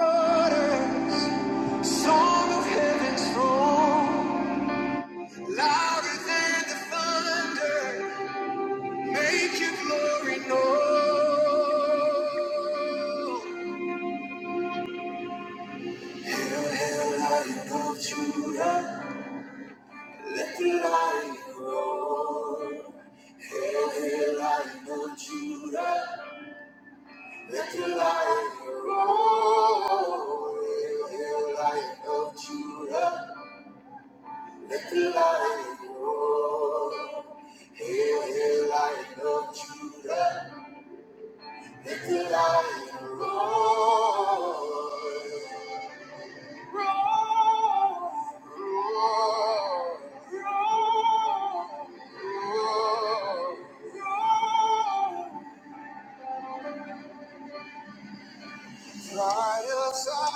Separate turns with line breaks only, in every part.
Song of heaven's throne, louder than the thunder, make your glory known. Lion of Judah, let the light roll. Hail, hail, Lion of Judah, let the light roll. Hail, hail, Lion of Judah. Let the Little I know, little I know Judah, little I know. Trials are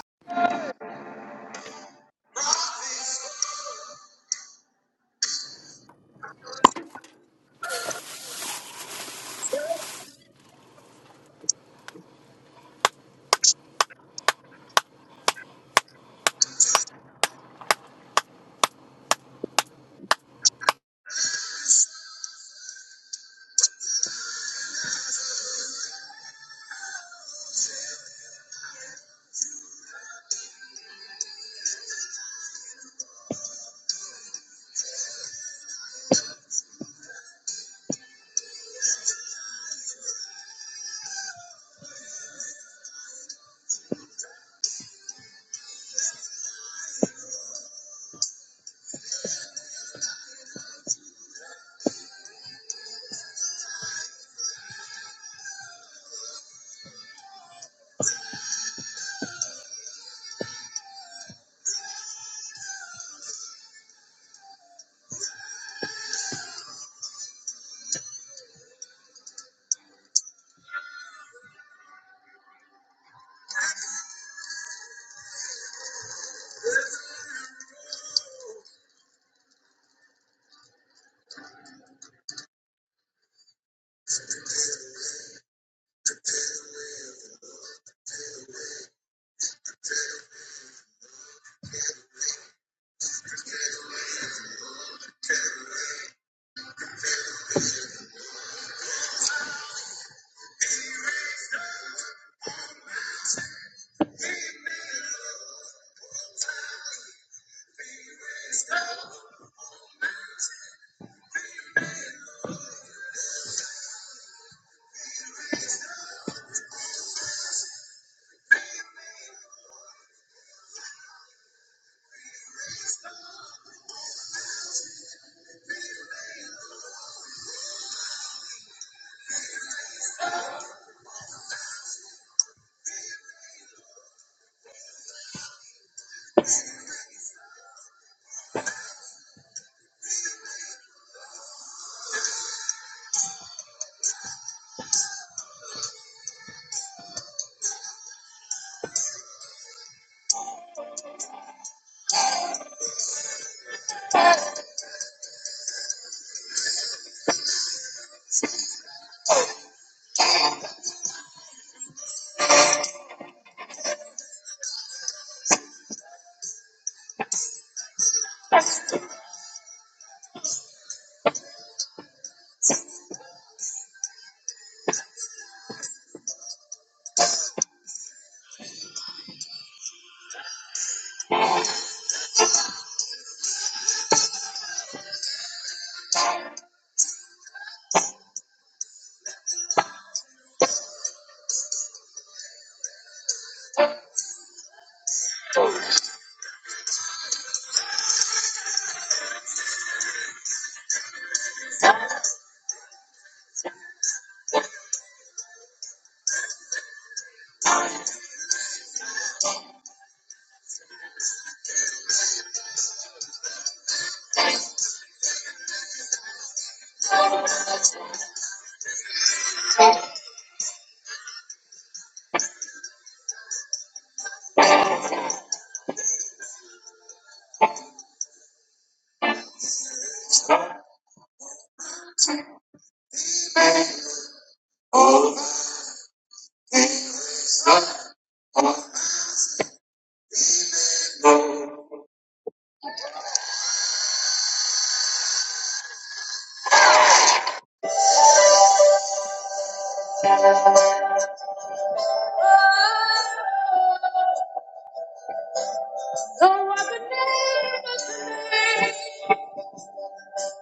no other name but the name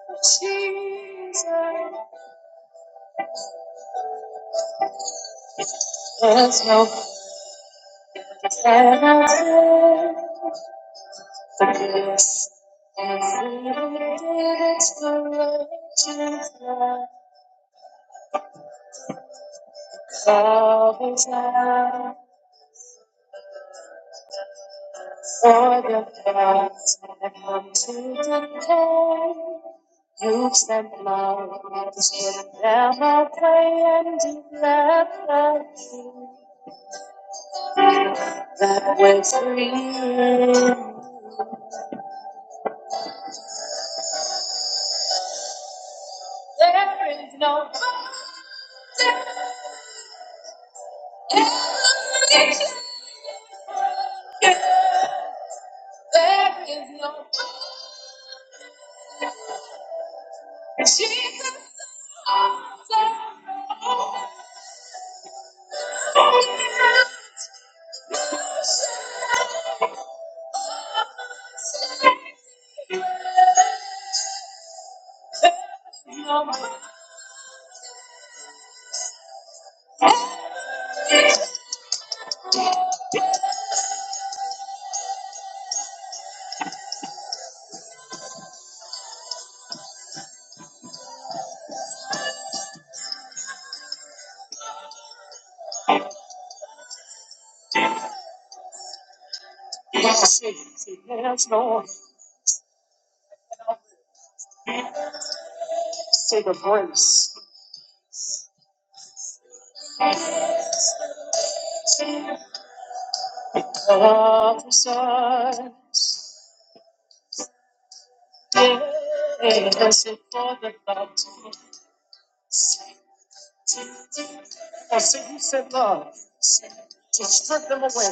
of Jesus. There's no And I did, it first, and we did it for ages past. Always now, for the past, I have come to decay. You've spent my just put them away and declare that you, that we're free. There is no, see, see, there's no, see the grace. Prophesy, yes, and for the battle. I said, you said love to strip them away.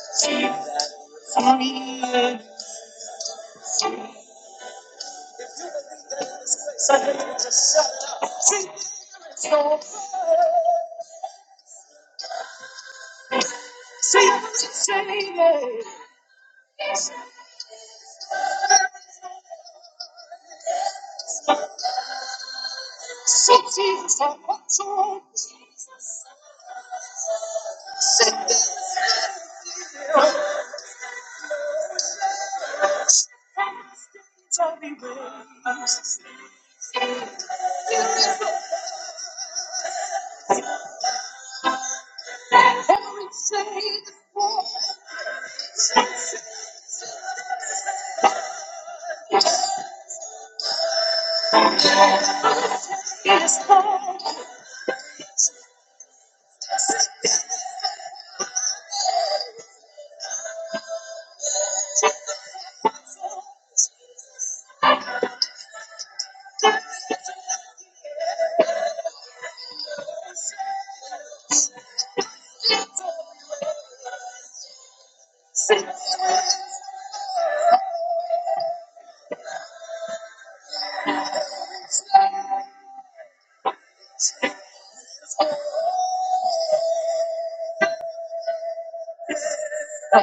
that? if you believe that in this Free. Suddenly just shut up. See, it's no. See, it's a shame. See, Jesus, I'm control. Send them. Tell me ways. Every day, shade is for. It is for. Good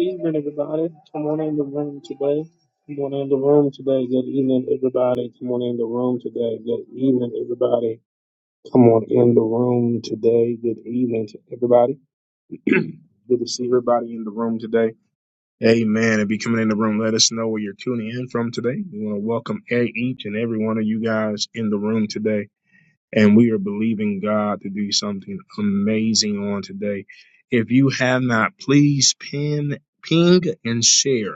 evening, everybody. Come on in the room today. Come on in the room today. Good evening, everybody. Come on in the room today. Good evening, everybody. Come on in the room today. Good evening to everybody. Good to see everybody in the room today. Amen. If you coming in the room, let us know where you're tuning in from today. We want to welcome e- each and every one of you guys in the room today. And we are believing God to do something amazing on today. If you have not, please pin, ping, and share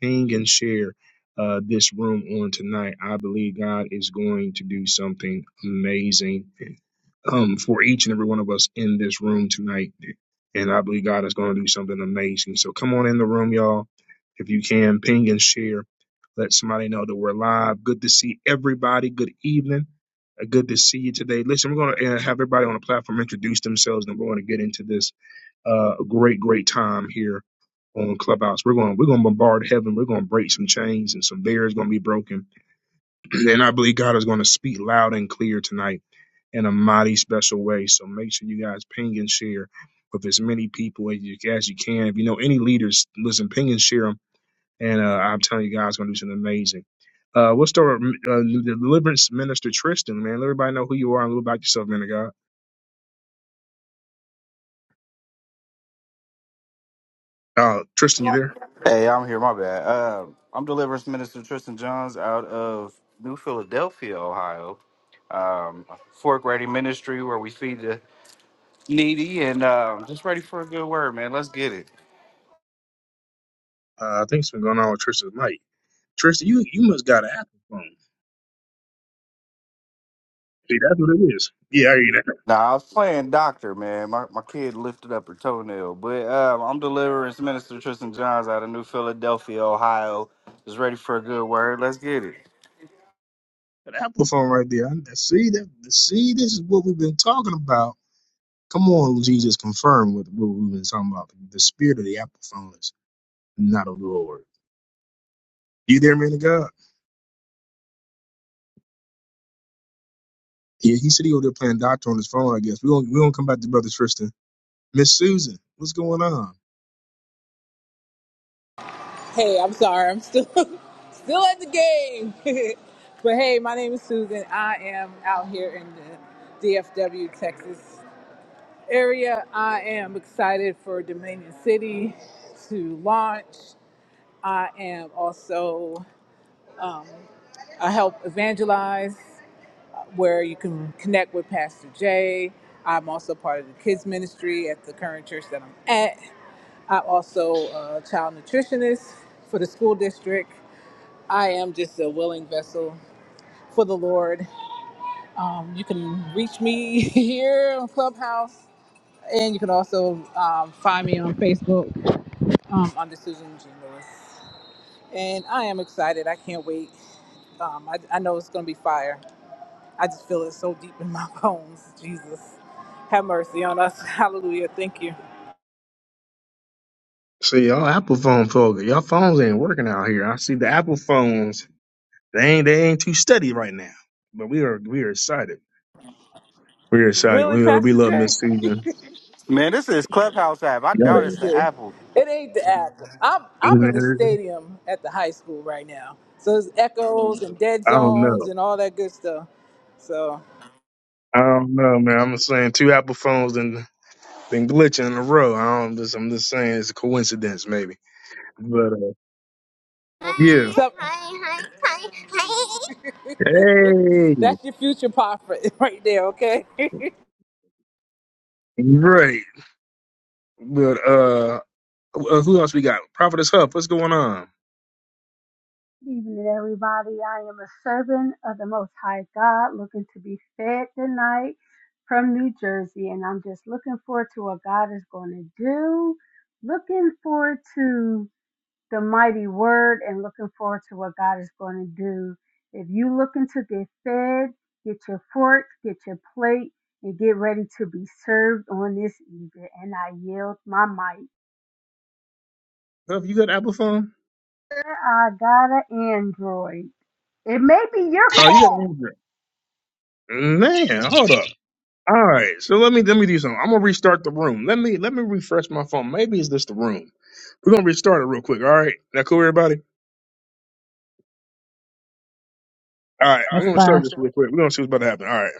ping and share uh, this room on tonight. I believe God is going to do something amazing um, for each and every one of us in this room tonight. And I believe God is going to do something amazing. So come on in the room, y'all. If you can, ping and share. Let somebody know that we're live. Good to see everybody. Good evening. Uh, Good to see you today. Listen, we're going to have everybody on the platform introduce themselves and we're going to get into this uh, a great, great time here on Clubhouse. We're going, we're going to bombard heaven. We're going to break some chains and some barriers going to be broken. and I believe God is going to speak loud and clear tonight in a mighty special way. So make sure you guys ping and share with as many people as you, as you can. If you know any leaders, listen, ping and share them. And uh, I'm telling you guys, going to do something amazing. Uh, we'll start with uh, the deliverance minister Tristan. Man, let everybody know who you are and a little about yourself, man of God. Uh, Tristan, you there?
Hey, I'm here. My bad. Uh, I'm Deliverance Minister Tristan Johns out of New Philadelphia, Ohio. Um, Fork Ready Ministry, where we feed the needy, and um, just ready for a good word, man. Let's get it.
Uh, I think it's been going on with Tristan's mic. Tristan, you you must got an Apple phone. See, that's what it is. Yeah, I hear
Nah, I was playing doctor, man. My, my kid lifted up her toenail, but um, I'm Deliverance Minister Tristan Johns out of New Philadelphia, Ohio. Just ready for a good word. Let's get it.
that. An Apple phone right there. I- See that? See, this is what we've been talking about. Come on, Jesus, confirm what what we've been talking about. The spirit of the Apple phone is not of the Lord. You there, man of God? Yeah, he said he over there playing doctor on his phone. I guess we don't we don't come back to brother Tristan. Miss Susan, what's going on?
Hey, I'm sorry. I'm still still at the game. but hey, my name is Susan. I am out here in the DFW, Texas area. I am excited for Dominion City to launch. I am also um, I help evangelize uh, where you can connect with Pastor Jay. I'm also part of the kids ministry at the current church that I'm at. I'm also a child nutritionist for the school district. I am just a willing vessel for the Lord. Um, you can reach me here on Clubhouse, and you can also um, find me on Facebook um, under Susan G. Lewis. And I am excited. I can't wait. Um, I, I know it's going to be fire. I just feel it so deep in my bones. Jesus, have mercy on us. Hallelujah. Thank you.
See, y'all Apple phone folk, y'all phones ain't working out here. I see the Apple phones. They ain't they ain't too steady right now. But we are we are excited. We're excited.
Really,
We uh, we
Pastor
love
Jay.
Miss Susan.
Man, this is Clubhouse app. I
Yeah.
doubt it's the
Listen,
Apple.
it ain't the app. I'm I'm in the
man.
stadium at the high school right now. So there's echoes and dead
I don't
zones
know.
and all that good stuff. So,
I don't know, man. I'm just saying two Apple phones and been glitching in a row. I don't just I'm just saying it's a coincidence maybe. But uh, yeah.
so
Hey.
that's your future prophet right there, okay?
Right. But uh uh, who else we got? Prophetess Huff, what's going on?
Good evening, everybody. I am a servant of the Most High God looking to be fed tonight from New Jersey, and I'm just looking forward to what God is going to do, looking forward to the mighty word, and looking forward to what God is going to do. If you looking to get fed, get your fork, get your plate, and get ready to be served on this evening. And I yield my mic.
Huff, you got an Apple phone?
I got an Android. It may be your
Oh, you got an Android. Man, hold up. All right, so let me let me do something. I'm gonna restart the room. Let me let me refresh my phone. Maybe it's just the room. We're gonna restart it real quick. All right, that cool, everybody. All right, we're
That's
gonna
fine.
restart this real quick. We're gonna see what's about to happen. All right.